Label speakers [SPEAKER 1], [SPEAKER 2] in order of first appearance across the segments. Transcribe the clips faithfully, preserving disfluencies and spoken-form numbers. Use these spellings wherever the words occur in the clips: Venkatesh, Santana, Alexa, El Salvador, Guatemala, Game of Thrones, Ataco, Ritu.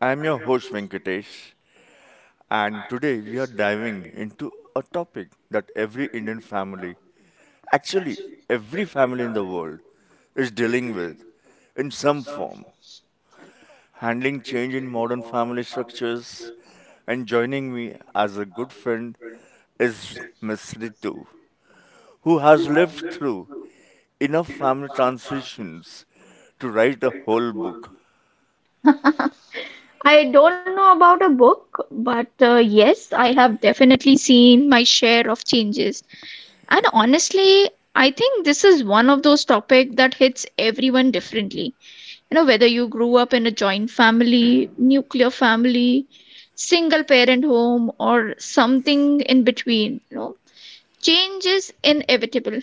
[SPEAKER 1] I'm your host Venkatesh, and today we are diving into a topic that every Indian family, actually, every family in the world, is dealing with in some form. Handling change in modern family structures, and joining me as a good friend is Miss Ritu, who has lived through enough family transitions to write a whole book.
[SPEAKER 2] I don't know about a book, but uh, yes, I have definitely seen my share of changes. And honestly, I think this is one of those topics that hits everyone differently. You know, whether you grew up in a joint family, nuclear family, single parent home, or something in between, you know, change is inevitable.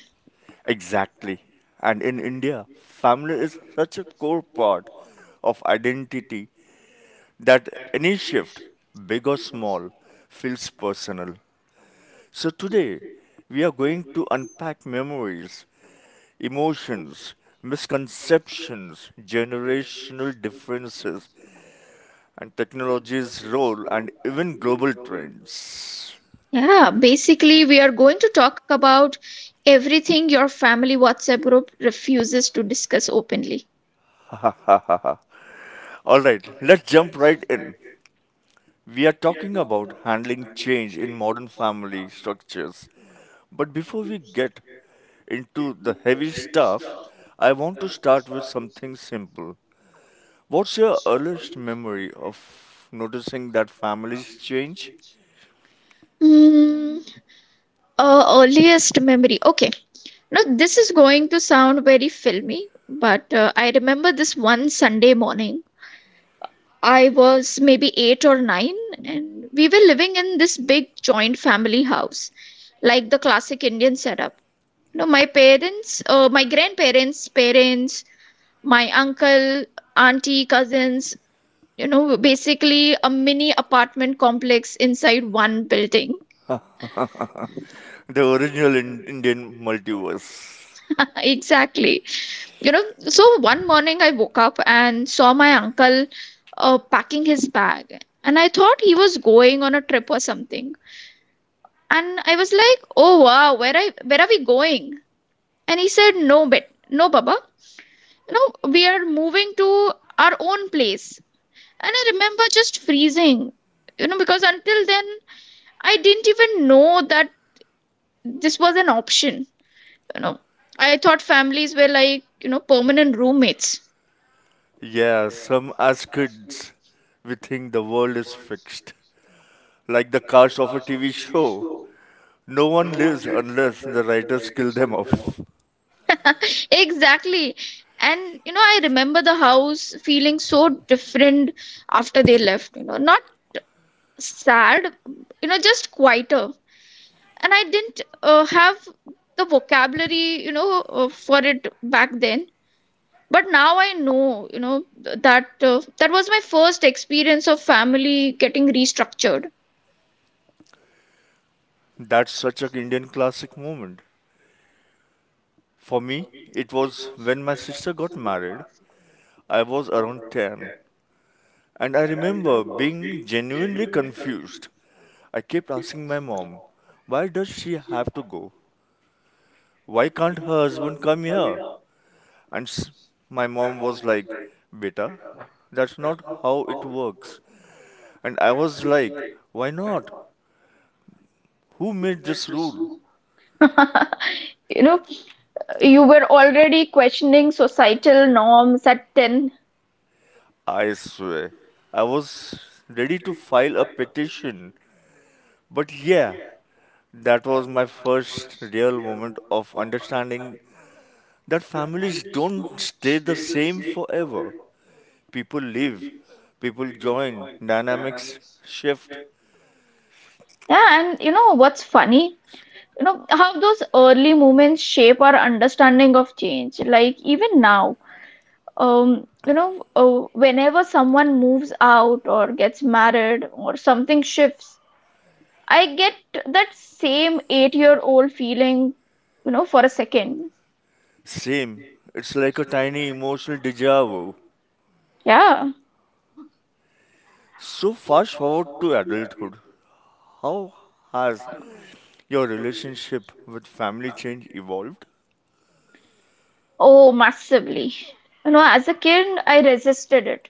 [SPEAKER 1] Exactly. And in India, family is such a core part of identity that any shift, big or small, feels personal. So today, we are going to unpack memories, emotions, misconceptions, generational differences, and technology's role, and even global trends.
[SPEAKER 2] Yeah, basically, we are going to talk about everything your family WhatsApp group refuses to discuss openly.
[SPEAKER 1] Alright, let's jump right in. We are talking about handling change in modern family structures. But before we get into the heavy stuff, I want to start with something simple. What's your earliest memory of noticing that families change?
[SPEAKER 2] Mm, uh, earliest memory. Okay. Now, this is going to sound very filmy, but uh, I remember this one Sunday morning. I was maybe eight or nine, and we were living in this big joint family house, like the classic Indian setup. You know, my parents, uh, my grandparents' parents, my uncle, auntie, cousins, you know, basically a mini apartment complex inside one building.
[SPEAKER 1] The original in- Indian multiverse.
[SPEAKER 2] Exactly. You know, so one morning I woke up and saw my uncle uh, packing his bag, and I thought he was going on a trip or something. And I was like, oh wow, where i where are we going? And he said, no bet no baba, you know, we are moving to our own place. And I remember just freezing, you know, because until then I didn't even know that this was an option. You know, I thought families were, like, you know, permanent roommates.
[SPEAKER 1] Yeah, some as kids, we think the world is fixed, like the cast of a T V show. No one lives unless the writers kill them off.
[SPEAKER 2] Exactly. And you know, I remember the house feeling so different after they left, you know, not sad, you know, just quieter. And I didn't uh, have the vocabulary, you know, uh, for it back then. But now I know, you know, th- that uh, that was my first experience of family getting restructured.
[SPEAKER 1] That's such an Indian classic moment. For me, it was when my sister got married. I was around ten, and I remember being genuinely confused. I kept asking my mom, "Why does she have to go? Why can't her husband come here?" And s- my mom was like, "Beta, that's not how it works." And I was like, "Why not? Who made this rule?"
[SPEAKER 2] You know, you were already questioning societal norms at ten.
[SPEAKER 1] I swear, I was ready to file a petition. But yeah, that was my first real moment of understanding that families don't stay the same forever. People leave, people join, dynamics shift.
[SPEAKER 2] Yeah, and you know what's funny? You know how those early moments shape our understanding of change, like even now, um you know, uh, whenever someone moves out or gets married or something shifts, I get that same eight year old feeling, you know, for a second.
[SPEAKER 1] Same. It's like a tiny emotional deja vu.
[SPEAKER 2] Yeah.
[SPEAKER 1] So, fast forward to adulthood. How has your relationship with family change evolved?
[SPEAKER 2] Oh, massively. You know, as a kid, I resisted it.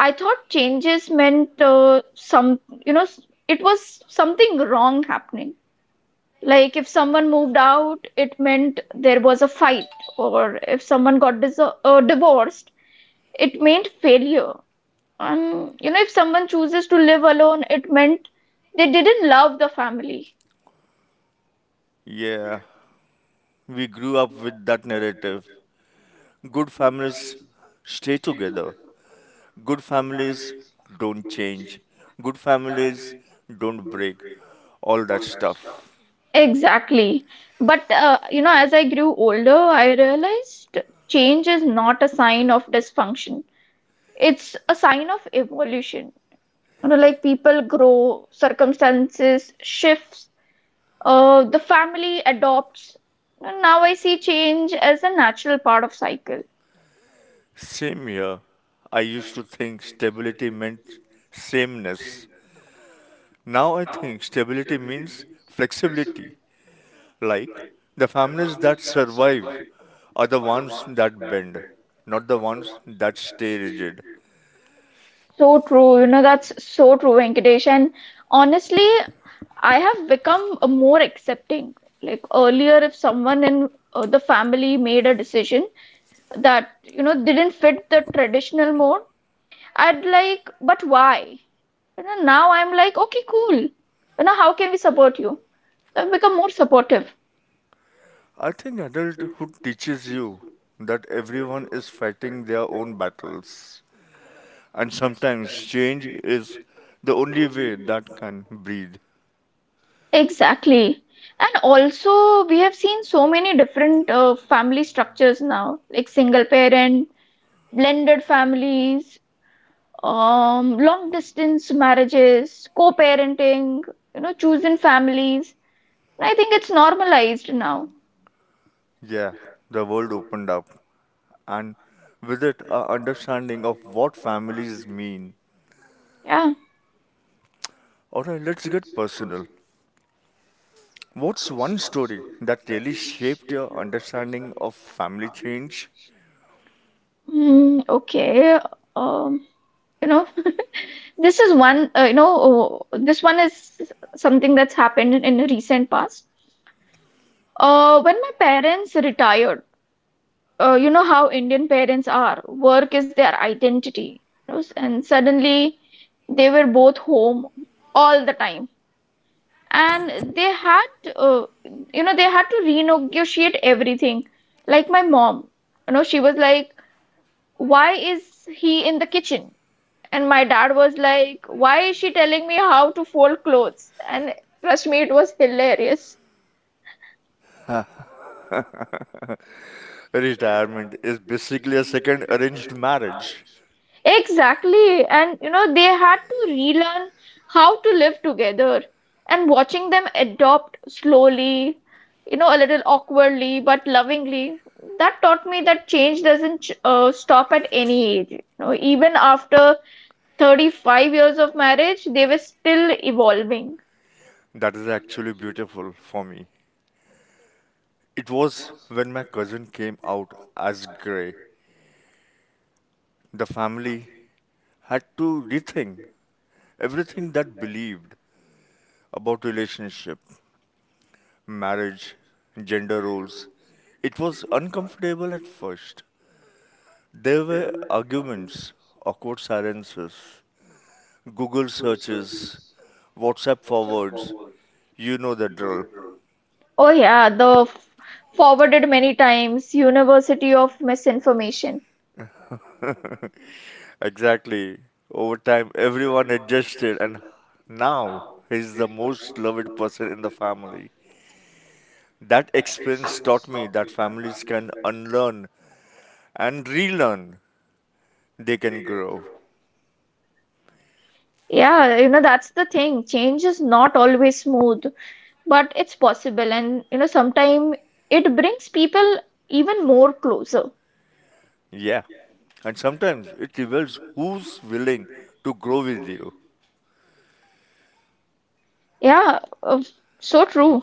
[SPEAKER 2] I thought changes meant uh, some you know s- it was something wrong happening. Like if someone moved out, it meant there was a fight, or if someone got dis- uh, divorced, it meant failure. And you know, if someone chooses to live alone, it meant they didn't love the family.
[SPEAKER 1] Yeah, we grew up with that narrative. Good families stay together. Good families don't change. Good families don't break. All that stuff.
[SPEAKER 2] Exactly. But uh, you know, as I grew older, I realized change is not a sign of dysfunction. It's a sign of evolution. You know, like people grow, circumstances shifts, uh, the family adopts. Now I see change as a natural part of cycle.
[SPEAKER 1] Same here. I used to think stability meant sameness. Now I think stability means flexibility. Like the families that survive are the ones that bend, not the ones that stay rigid.
[SPEAKER 2] So true, you know, that's so true, Venkatesh. And honestly, I have become a more accepting. Like earlier, if someone in uh, the family made a decision that, you know, didn't fit the traditional mode, I'd like, but why? You know, now I'm like, okay, cool. You know, how can we support you? So I've become more supportive.
[SPEAKER 1] I think adulthood teaches you that everyone is fighting their own battles, and sometimes change is the only way that can breathe.
[SPEAKER 2] Exactly. And also, we have seen so many different uh, family structures now, like single parent, blended families, um, long distance marriages, co-parenting, you know, chosen families. And I think it's normalized now.
[SPEAKER 1] Yeah, the world opened up, and with it, our understanding of what families mean.
[SPEAKER 2] Yeah.
[SPEAKER 1] Alright, let's get personal. What's one story that really shaped your understanding of family change?
[SPEAKER 2] Mm, okay. Um, you know, this is one, uh, you know, uh, this one is Something that's happened in in recent past. Uh, when my parents retired, uh, you know how Indian parents are. Work is their identity. You know, and suddenly they were both home all the time. And they had, uh, you know, they had to renegotiate everything. Like my mom, you know, she was like, why is he in the kitchen? And my dad was like, why is she telling me how to fold clothes? And trust me, it was hilarious.
[SPEAKER 1] Retirement is basically a second arranged marriage.
[SPEAKER 2] Exactly. And you know, they had to relearn how to live together. And watching them adopt slowly, you know, a little awkwardly but lovingly, that taught me that change doesn't uh, stop at any age. You know, even after thirty-five years of marriage, they were still evolving.
[SPEAKER 1] That is actually beautiful. For me, it was when my cousin came out as gray. The family had to rethink everything that believed about relationship, marriage, gender roles. It was uncomfortable at first. There were arguments, awkward silences, Google searches, WhatsApp forwards. You know the drill.
[SPEAKER 2] Oh yeah, the f- forwarded many times, University of Misinformation.
[SPEAKER 1] Exactly. Over time, everyone adjusted, and now he's the most loved person in the family. That experience taught me that families can unlearn and relearn, they can grow.
[SPEAKER 2] Yeah, you know, that's the thing. Change is not always smooth, but it's possible. And, you know, sometimes it brings people even more closer.
[SPEAKER 1] Yeah. And sometimes it reveals who's willing to grow with you.
[SPEAKER 2] Yeah, uh, so true.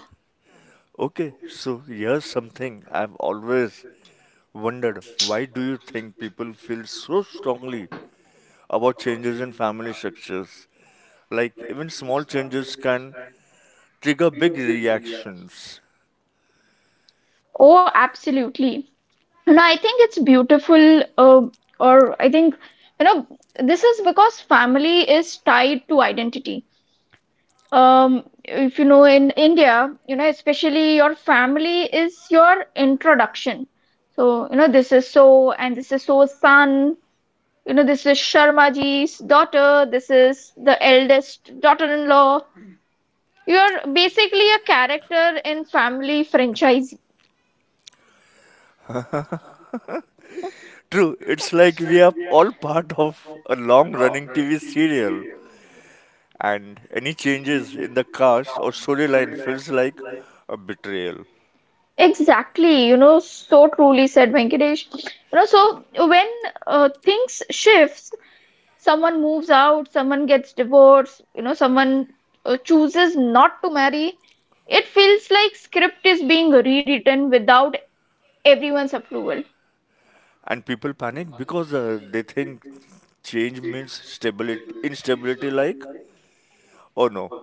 [SPEAKER 1] Okay, so here's something I've always wondered, why do you think people feel so strongly about changes in family structures? Like, even small changes can trigger big reactions.
[SPEAKER 2] Oh, absolutely. You know, I think it's beautiful, uh, or I think, you know, this is because family is tied to identity. Um, if you know, in India, you know, especially your family is your introduction. So, you know, this is so, and this is so son. You know, this is Sharmaji's daughter. This is the eldest daughter-in-law. You're basically a character in family franchise.
[SPEAKER 1] True, it's like we are all part of a long running T V serial and any changes in the cast or storyline feels like a betrayal.
[SPEAKER 2] Exactly. You know, so truly said, Venkatesh. You know, so when uh, things shifts, someone moves out, someone gets divorced, you know, someone uh, chooses not to marry. It feels like script is being rewritten without everyone's approval.
[SPEAKER 1] And people panic because uh, they think change means stability, instability. Like, oh no,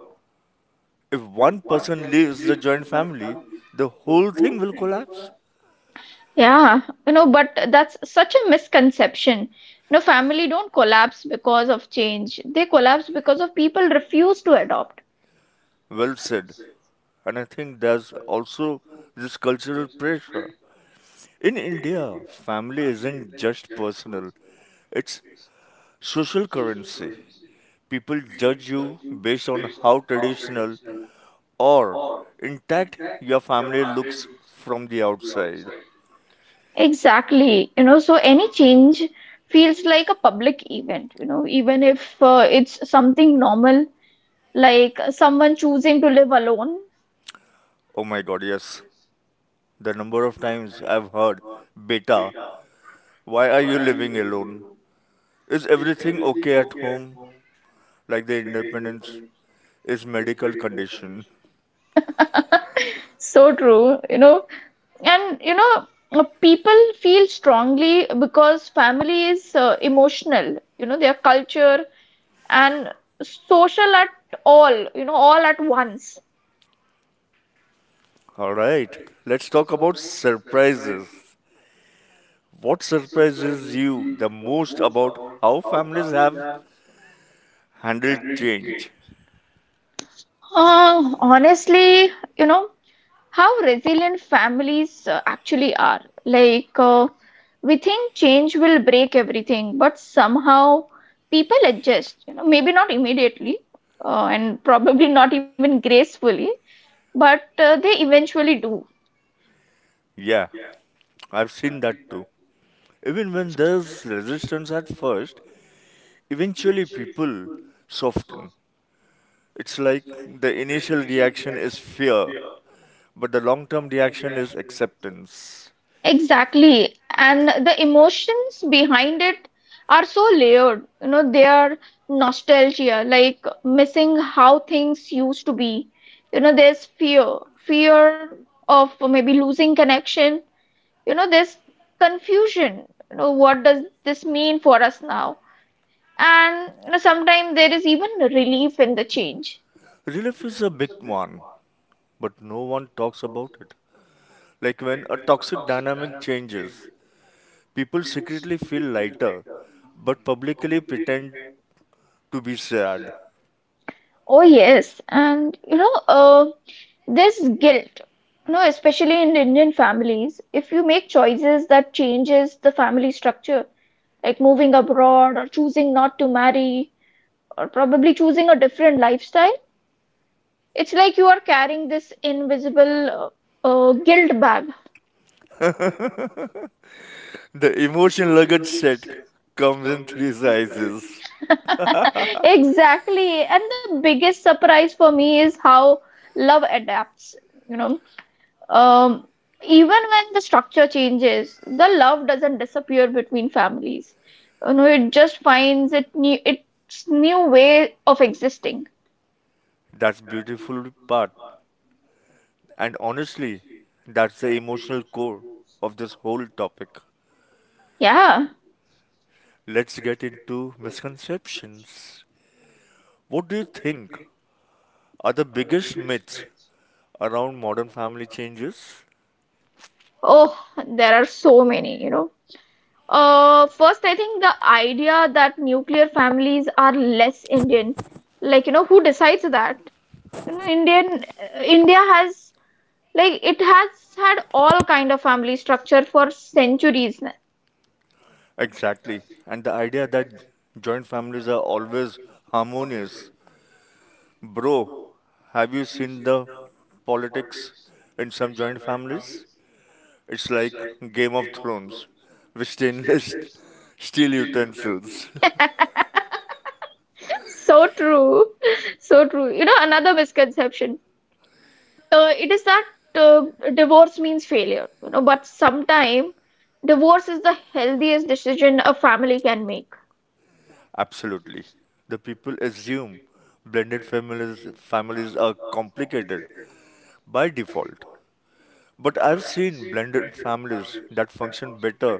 [SPEAKER 1] if one person leaves the joint family, the whole thing will collapse.
[SPEAKER 2] Yeah, you know, but that's such a misconception. You know, family don't collapse because of change. They collapse because of people refuse to adopt.
[SPEAKER 1] Well said. And I think there's also this cultural pressure. In India, family isn't just personal, it's social currency. People judge you based on how traditional or intact your family looks from the outside.
[SPEAKER 2] Exactly. You know, so any change feels like a public event, you know, even if uh, it's something normal, like someone choosing to live alone.
[SPEAKER 1] Oh my god, yes. The number of times I've heard, "Beta, why are you living alone? Is everything okay at home?" Like the independence is medical condition.
[SPEAKER 2] So true, you know. And, you know, uh, people feel strongly because family is uh, emotional. You know, their culture and social at all, you know, all at once.
[SPEAKER 1] Alright, let's talk about surprises. What surprises you the most about how families have handled change?
[SPEAKER 2] Uh, honestly, you know, how resilient families uh, actually are. Like, uh, we think change will break everything, but somehow people adjust, you know, maybe not immediately, uh, and probably not even gracefully, but uh, they eventually do.
[SPEAKER 1] Yeah, I've seen that too. Even when there's resistance at first, eventually, people soften. It's like the initial reaction is fear, but the long term reaction is acceptance.
[SPEAKER 2] Exactly. And the emotions behind it are so layered. You know, they are nostalgia, like missing how things used to be. You know, there's fear, fear of maybe losing connection. You know, there's confusion. You know, what does this mean for us now? And you know, sometimes there is even relief in the change.
[SPEAKER 1] Relief is a big one, but no one talks about it. Like when a toxic dynamic changes, people secretly feel lighter, but publicly pretend to be sad.
[SPEAKER 2] Oh yes, and you know, uh, there's guilt. You know, especially in Indian families, if you make choices that changes the family structure, like moving abroad or choosing not to marry or probably choosing a different lifestyle, it's like you are carrying this invisible uh, uh, guilt bag.
[SPEAKER 1] The emotion luggage set comes in three sizes.
[SPEAKER 2] Exactly. And the biggest surprise for me is how love adapts. You know, Um, even when the structure changes, the love doesn't disappear between families. You know, it just finds it new, its new way of existing.
[SPEAKER 1] That's beautiful part, and honestly, that's the emotional core of this whole topic.
[SPEAKER 2] Yeah.
[SPEAKER 1] Let's get into misconceptions. What do you think are the biggest myths around modern family changes?
[SPEAKER 2] Oh, there are so many, you know. Uh, first, I think the idea that nuclear families are less Indian, like, you know, who decides that? You know, Indian, uh, India has, like, it has had all kind of family structure for centuries.
[SPEAKER 1] Exactly. And the idea that joint families are always harmonious. Bro, have you seen the politics in some joint families? It's like Game of Thrones with stainless steel utensils.
[SPEAKER 2] So true. So true. You know, another misconception. Uh, it is that uh, divorce means failure, you know, but sometimes divorce is the healthiest decision a family can make.
[SPEAKER 1] Absolutely. The people assume blended families families are complicated by default. But I've seen blended families that function better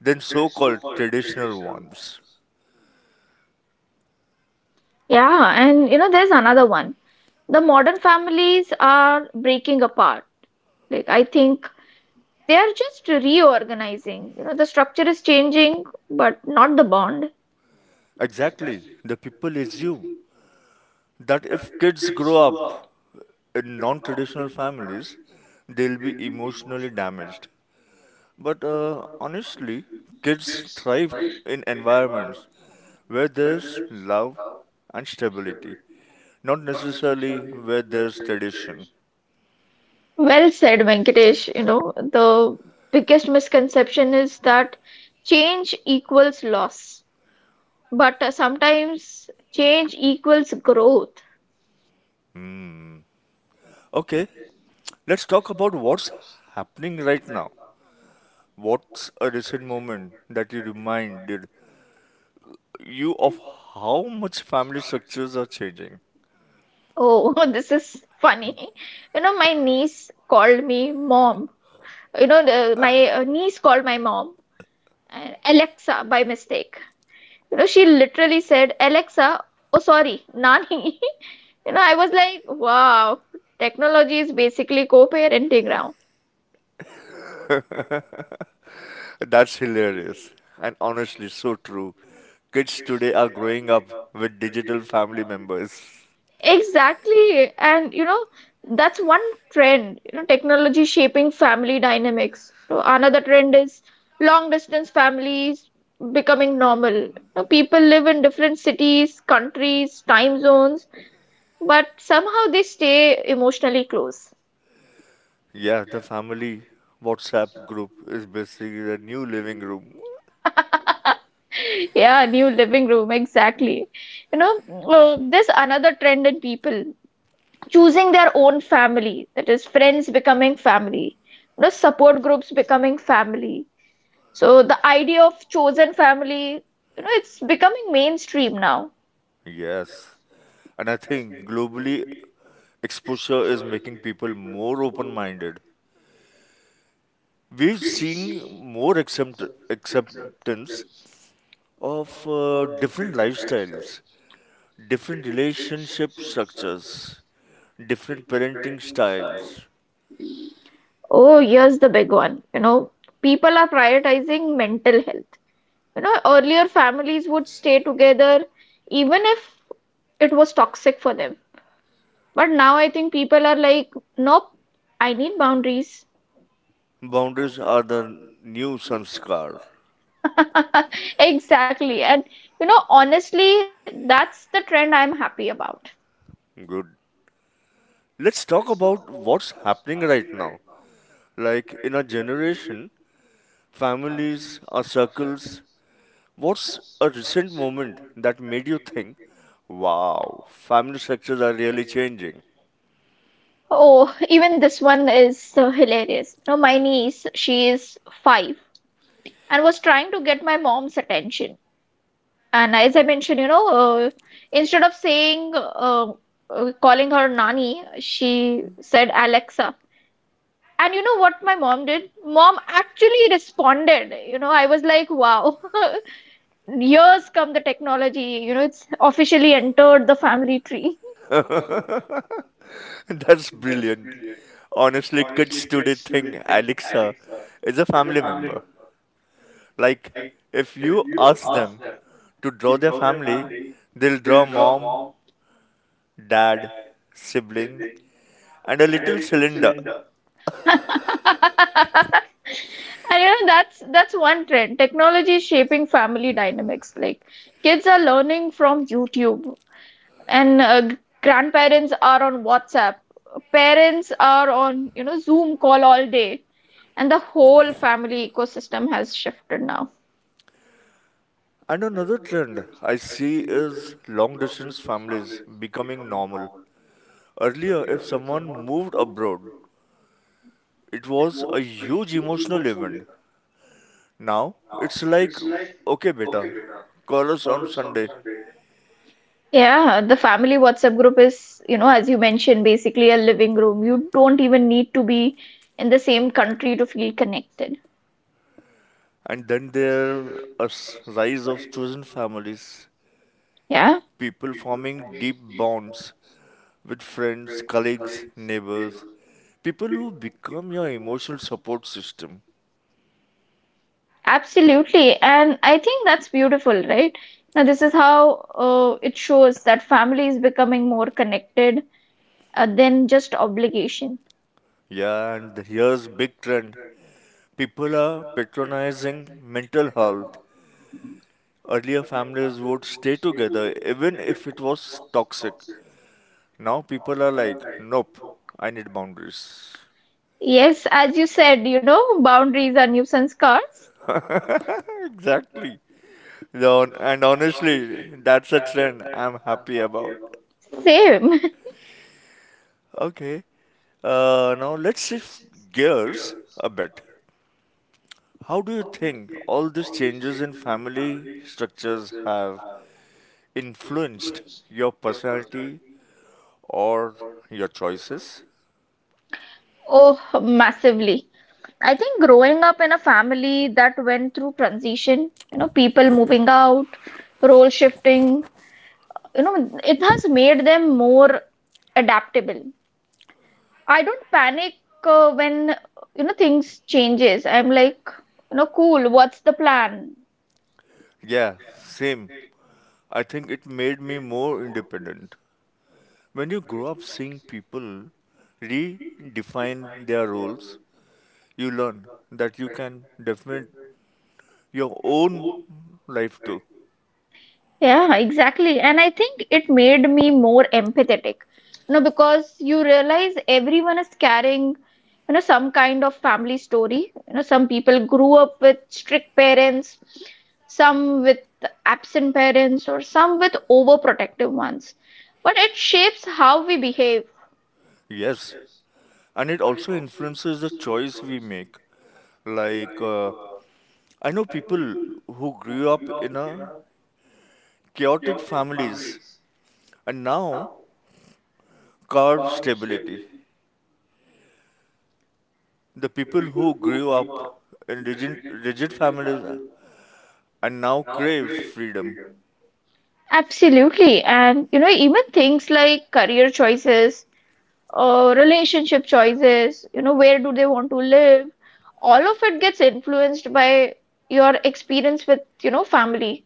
[SPEAKER 1] than so called traditional ones.
[SPEAKER 2] Yeah, and you know, there's another one. The modern families are breaking apart. Like, I think they are just reorganizing. You know, the structure is changing, but not the bond.
[SPEAKER 1] Exactly, the people assume that if kids grow up in non traditional families, they'll be emotionally damaged. But uh, honestly, kids thrive in environments where there's love and stability, not necessarily where there's tradition.
[SPEAKER 2] Well said, Venkatesh. You know, the biggest misconception is that change equals loss, but uh, sometimes change equals growth.
[SPEAKER 1] Okay, let's talk about what's happening right now. What's a recent moment that you reminded you of how much family structures are changing?
[SPEAKER 2] Oh, this is funny. You know, my niece called me mom. You know, the, my uh, niece called my mom uh, Alexa by mistake. You know, she literally said, Alexa, oh, sorry, Nani. You know, I was like, wow, technology is basically co-parenting now.
[SPEAKER 1] That's hilarious and honestly so true. Kids today are growing up with digital family members.
[SPEAKER 2] Exactly. And you know, that's one trend, you know, technology shaping family dynamics. So another trend is long distance families becoming normal. You know, people live in different cities, countries, time zones, but somehow they stay emotionally close.
[SPEAKER 1] Yeah, the family WhatsApp group is basically the new living room.
[SPEAKER 2] Yeah, new living room, exactly. You know, uh, there's another trend in people choosing their own family, that is, friends becoming family, you know, support groups becoming family. So the idea of chosen family, you know, it's becoming mainstream now.
[SPEAKER 1] Yes. And I think globally, exposure is making people more open minded. We've seen more accept- acceptance of uh, different lifestyles, different relationship structures, different parenting styles.
[SPEAKER 2] Oh, here's the big one. You know, people are prioritizing mental health. You know, earlier families would stay together even if it was toxic for them. But now I think people are like, nope, I need boundaries.
[SPEAKER 1] Boundaries are the new sanskar.
[SPEAKER 2] Exactly. And you know, honestly, that's the trend I'm happy about.
[SPEAKER 1] Good. Let's talk about what's happening right now. Like in our generation, families, our circles. What's a recent moment that made you think, wow, family structures are really changing?
[SPEAKER 2] Oh, even this one is so hilarious. You know, my niece, she is five, and was trying to get my mom's attention. And as I mentioned, you know, uh, instead of saying, uh, uh, calling her Nani, she said Alexa. And you know what my mom did? Mom actually responded. You know, I was like, wow, years come the technology. You know, it's officially entered the family tree.
[SPEAKER 1] That's brilliant. Honestly, kids today think Alexa is a family member. Like, if you ask them to draw their family, they'll draw mom, dad, sibling, and a little cylinder.
[SPEAKER 2] And you know, that's that's one trend. Technology is shaping family dynamics. Like kids are learning from YouTube, and uh, g- grandparents are on WhatsApp. Parents are on, you know, Zoom call all day. And the whole family ecosystem has shifted now.
[SPEAKER 1] And another trend I see is long distance families becoming normal. Earlier, if someone moved abroad, it was a huge emotional event. Now, it's like, okay, beta, call us on Sunday.
[SPEAKER 2] Yeah, the family WhatsApp group is, you know, as you mentioned, basically a living room. You don't even need to be in the same country to feel connected.
[SPEAKER 1] And then there is rise of chosen families,
[SPEAKER 2] Yeah,
[SPEAKER 1] people forming deep bonds with friends, colleagues, neighbors, people who become your emotional support system.
[SPEAKER 2] absolutely. And I think that's beautiful, right? Now, this is how uh, it shows that family is becoming more connected uh, than just obligation.
[SPEAKER 1] Yeah, and here's big trend. People are patronizing mental health. Earlier families would stay together even if it was toxic. Now people are like, nope, I need boundaries.
[SPEAKER 2] Yes, as you said, you know, boundaries are new sanskars.
[SPEAKER 1] Exactly. Though- And honestly, that's a trend I'm happy about.
[SPEAKER 2] Same.
[SPEAKER 1] Okay, uh, now let's shift gears a bit. How do you think all these changes in family structures have influenced your personality or your choices?
[SPEAKER 2] Oh, massively. I think growing up in a family that went through transition, you know, people moving out, role shifting, you know, it has made them more adaptable. I don't panic uh, when, you know, things changes. I'm like, you know, cool, what's the plan?
[SPEAKER 1] Yeah, same. I think it made me more independent. When you grow up seeing people redefine their roles, you learn that you can definitely your own life too.
[SPEAKER 2] Yeah, exactly. And I think it made me more empathetic, you know, because you realize everyone is carrying, you know, some kind of family story. You know, some people grew up with strict parents, some with absent parents, or some with overprotective ones. But it shapes how we behave.
[SPEAKER 1] Yes, and it also influences the choice we make. Like, uh, I know people who grew up in a chaotic families and now carve stability. The people who grew up in rigid, rigid families and now crave freedom.
[SPEAKER 2] Absolutely. And, you know, even things like career choices, uh, relationship choices, you know, where do they want to live? All of it gets influenced by your experience with, you know, family.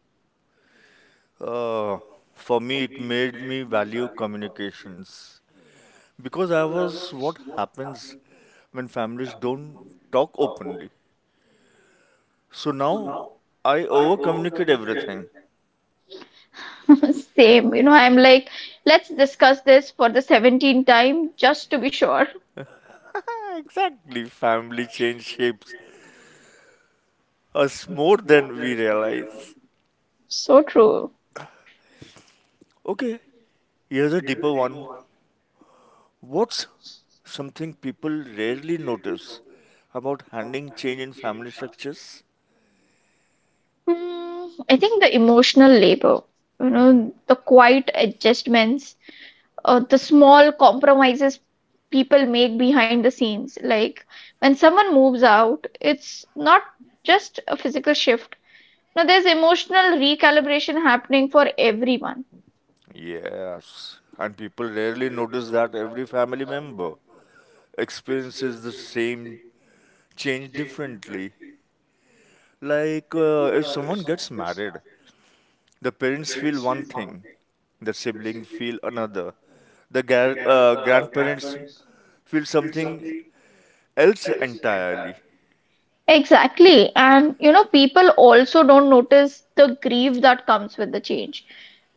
[SPEAKER 1] Uh, for me, it made me value communications because I was what happens when families don't talk openly. So now I over communicate everything.
[SPEAKER 2] Same, you know, I'm like, let's discuss this for the seventeenth time just to be sure.
[SPEAKER 1] Exactly, family change shapes us more than we realize.
[SPEAKER 2] So true.
[SPEAKER 1] Okay, here's a deeper one. What's something people rarely notice about handling change in family structures?
[SPEAKER 2] Hmm, I think the emotional labor, you
[SPEAKER 1] Hmm.
[SPEAKER 2] know, the quiet adjustments, uh, the small compromises people make behind the scenes. Like when someone moves out, it's not just a physical shift. Now, there's emotional recalibration happening for everyone.
[SPEAKER 1] Yes, and people rarely notice that every family member experiences the same change differently. Like uh, if someone gets married, the parents feel one thing, the sibling feel another, the gar- uh, grandparents feel something else entirely.
[SPEAKER 2] Exactly. And, you know, people also don't notice the grief that comes with the change.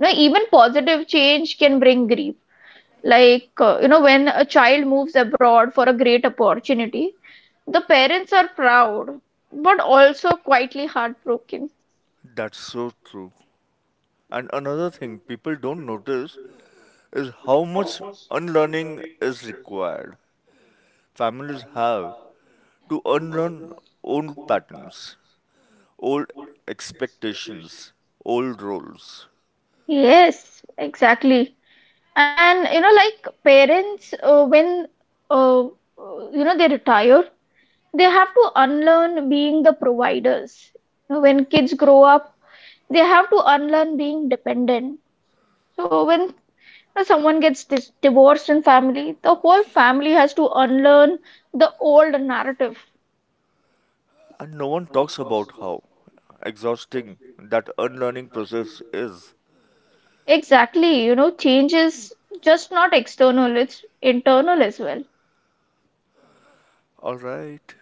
[SPEAKER 2] You know, even positive change can bring grief. Like, uh, you know, when a child moves abroad for a great opportunity, the parents are proud, but also quietly heartbroken.
[SPEAKER 1] That's so true. And another thing people don't notice is how much unlearning is required. Families have to unlearn old patterns, old expectations, old roles.
[SPEAKER 2] Yes, exactly. And, you know, like parents, uh, when, uh, uh, you know, they retire, they have to unlearn being the providers. When kids grow up, they have to unlearn being dependent. So when you know, someone gets dis- divorced in family, the whole family has to unlearn the old narrative.
[SPEAKER 1] And no one talks about how exhausting that unlearning process is.
[SPEAKER 2] Exactly, you know, change is just not external, it's internal as well.
[SPEAKER 1] Alright,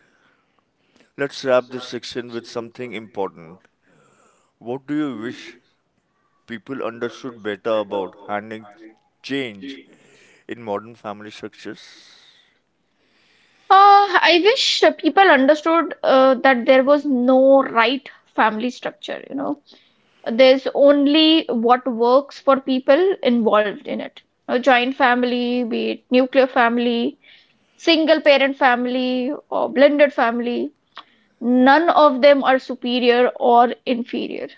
[SPEAKER 1] let's wrap this section with something important. What do you wish people understood better about handling change in modern family structures?
[SPEAKER 2] uh, I wish uh, people understood uh, that there was no right family structure, you know, there's only what works for people involved in it. A joint family, be it nuclear family, single parent family, or blended family, none of them are superior or inferior.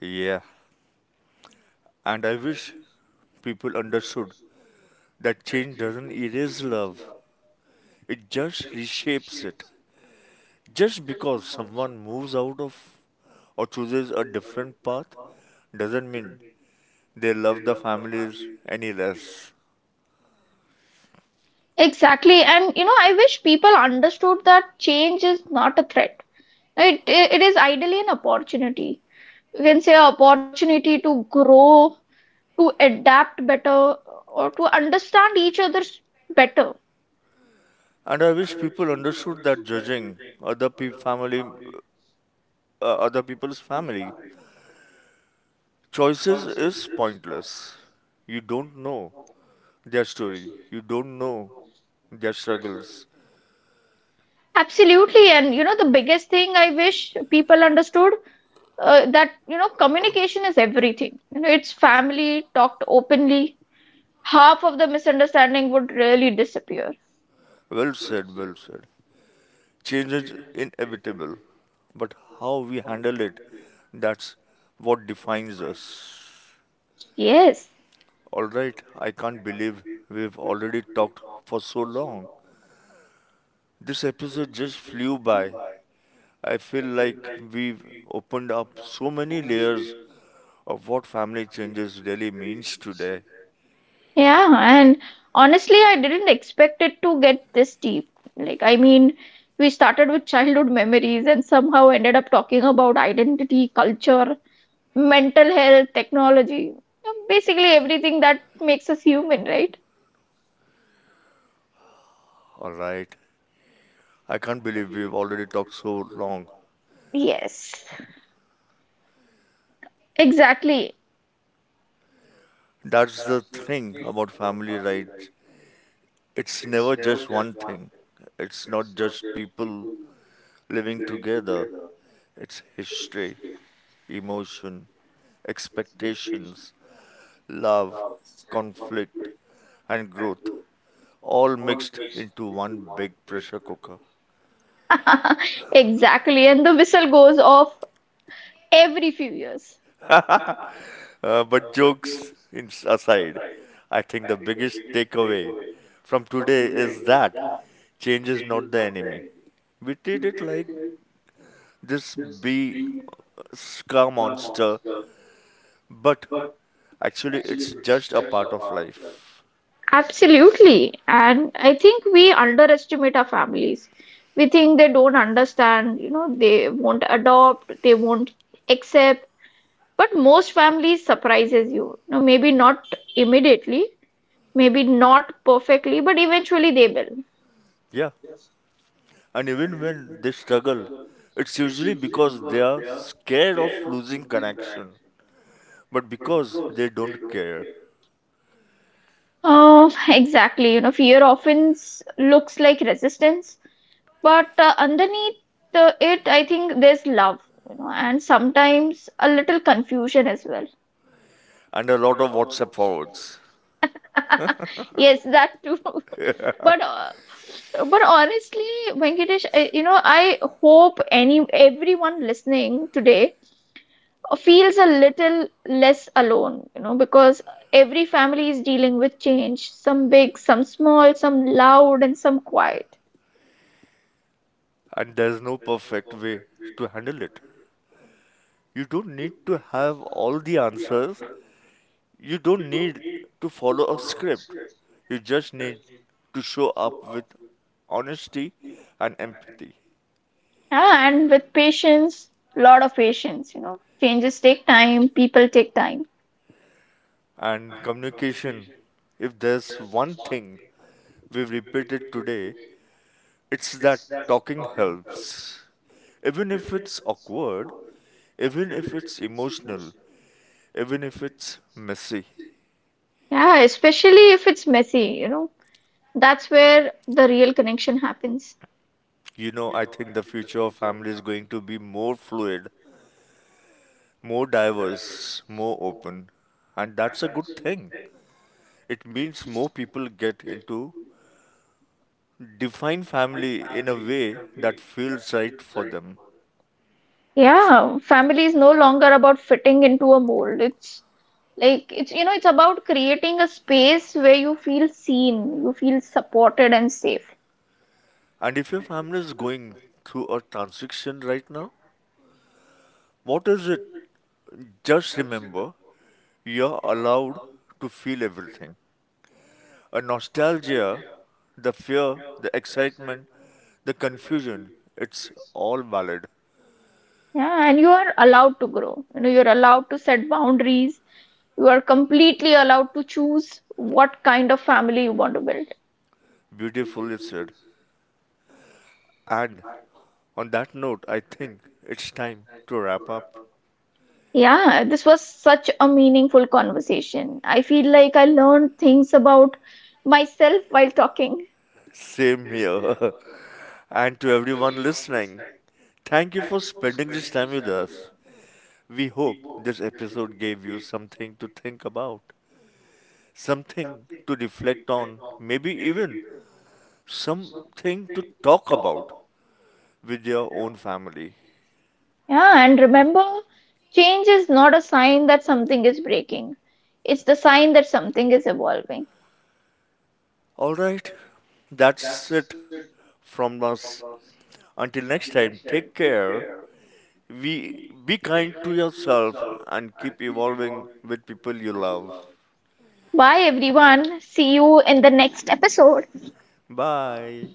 [SPEAKER 1] Yeah. And I wish people understood that change doesn't erase love, it just reshapes it. Just because someone moves out of or chooses a different path doesn't mean they love the families any less.
[SPEAKER 2] Exactly. And you know, I wish people understood that change is not a threat. It, it is ideally an opportunity. You can say opportunity to grow, to adapt better, or to understand each other better.
[SPEAKER 1] And I wish people understood that judging other pe- family uh, other people's family choices is pointless. You don't know their story. You don't know their struggles.
[SPEAKER 2] Absolutely. And you know, the biggest thing I wish people understood uh, that, you know, communication is everything. You know, it's family talked openly. Half of the misunderstanding would really disappear.
[SPEAKER 1] Well said, well said. Change is inevitable, but how we handle it, that's what defines us.
[SPEAKER 2] Yes.
[SPEAKER 1] Alright, I can't believe we've already talked for so long. This episode just flew by. I feel like we've opened up so many layers of what family changes really means today.
[SPEAKER 2] Yeah. And honestly, I didn't expect it to get this deep. Like, I mean, we started with childhood memories and somehow ended up talking about identity, culture, mental health, technology, basically everything that makes us human, right?
[SPEAKER 1] All right. I can't believe we've already talked so long.
[SPEAKER 2] Yes. Exactly.
[SPEAKER 1] That's the thing about family, right? It's never just one thing. It's not just people living together. It's history, emotion, expectations, love, conflict, and growth, all mixed into one big pressure cooker.
[SPEAKER 2] Exactly. And the whistle goes off every few years.
[SPEAKER 1] Uh, but jokes in- aside, I think the biggest takeaway from today is that change is not the enemy. We treat it like this bee scar monster, but actually it's just a part of life.
[SPEAKER 2] Absolutely. And I think we underestimate our families. We think they don't understand, you know, they won't adopt, they won't accept. But most families surprises you. No, maybe not immediately, maybe not perfectly, but eventually they will.
[SPEAKER 1] Yeah. And even when they struggle, it's usually because they are scared of losing connection, but because they don't care.
[SPEAKER 2] Oh, exactly. You know, fear often s- looks like resistance. But uh, underneath uh, it, I think there's love, you know, and sometimes a little confusion as well.
[SPEAKER 1] And a lot of WhatsApp forwards.
[SPEAKER 2] Yes, that too. but uh, but honestly, Venkatesh, I, you know, I hope any everyone listening today feels a little less alone, you know, because every family is dealing with change, some big, some small, some loud, and some quiet.
[SPEAKER 1] And there's no perfect way to handle it. You don't need to have all the answers. You don't need to follow a script. You just need to show up with honesty and empathy
[SPEAKER 2] And with patience, lot of patience, you know, changes take time, people take time.
[SPEAKER 1] and communication. If there's one thing we've repeated today, it's that talking helps. Even if it's awkward, even if it's emotional, even if it's messy.
[SPEAKER 2] Yeah, especially if it's messy, you know. That's where the real connection happens.
[SPEAKER 1] You know, I think the future of family is going to be more fluid, more diverse, more open, and that's a good thing. It means more people get into define family in a way that feels right for them.
[SPEAKER 2] Yeah, family is no longer about fitting into a mold. It's like it's you know, it's about creating a space where you feel seen, you feel supported and safe.
[SPEAKER 1] And if your family is going through a transition right now, what is it? Just remember, you're allowed to feel everything. A nostalgia, the fear, the excitement, the confusion, it's all valid.
[SPEAKER 2] Yeah, and you are allowed to grow. You know, you're allowed to set boundaries. You are completely allowed to choose what kind of family you want to build.
[SPEAKER 1] Beautifully said. And on that note, I think it's time to wrap up.
[SPEAKER 2] Yeah, this was such a meaningful conversation. I feel like I learned things about myself while talking.
[SPEAKER 1] Same here. And to everyone listening, thank you for spending this time with us. We hope this episode gave you something to think about, something to reflect on, maybe even something to talk about with your own family.
[SPEAKER 2] Yeah, and remember, change is not a sign that something is breaking, it's the sign that something is evolving.
[SPEAKER 1] Alright, that's it from us. Until next time, take care. We be kind to yourself and keep evolving with people you love.
[SPEAKER 2] Bye, everyone. See you in the next episode.
[SPEAKER 1] Bye.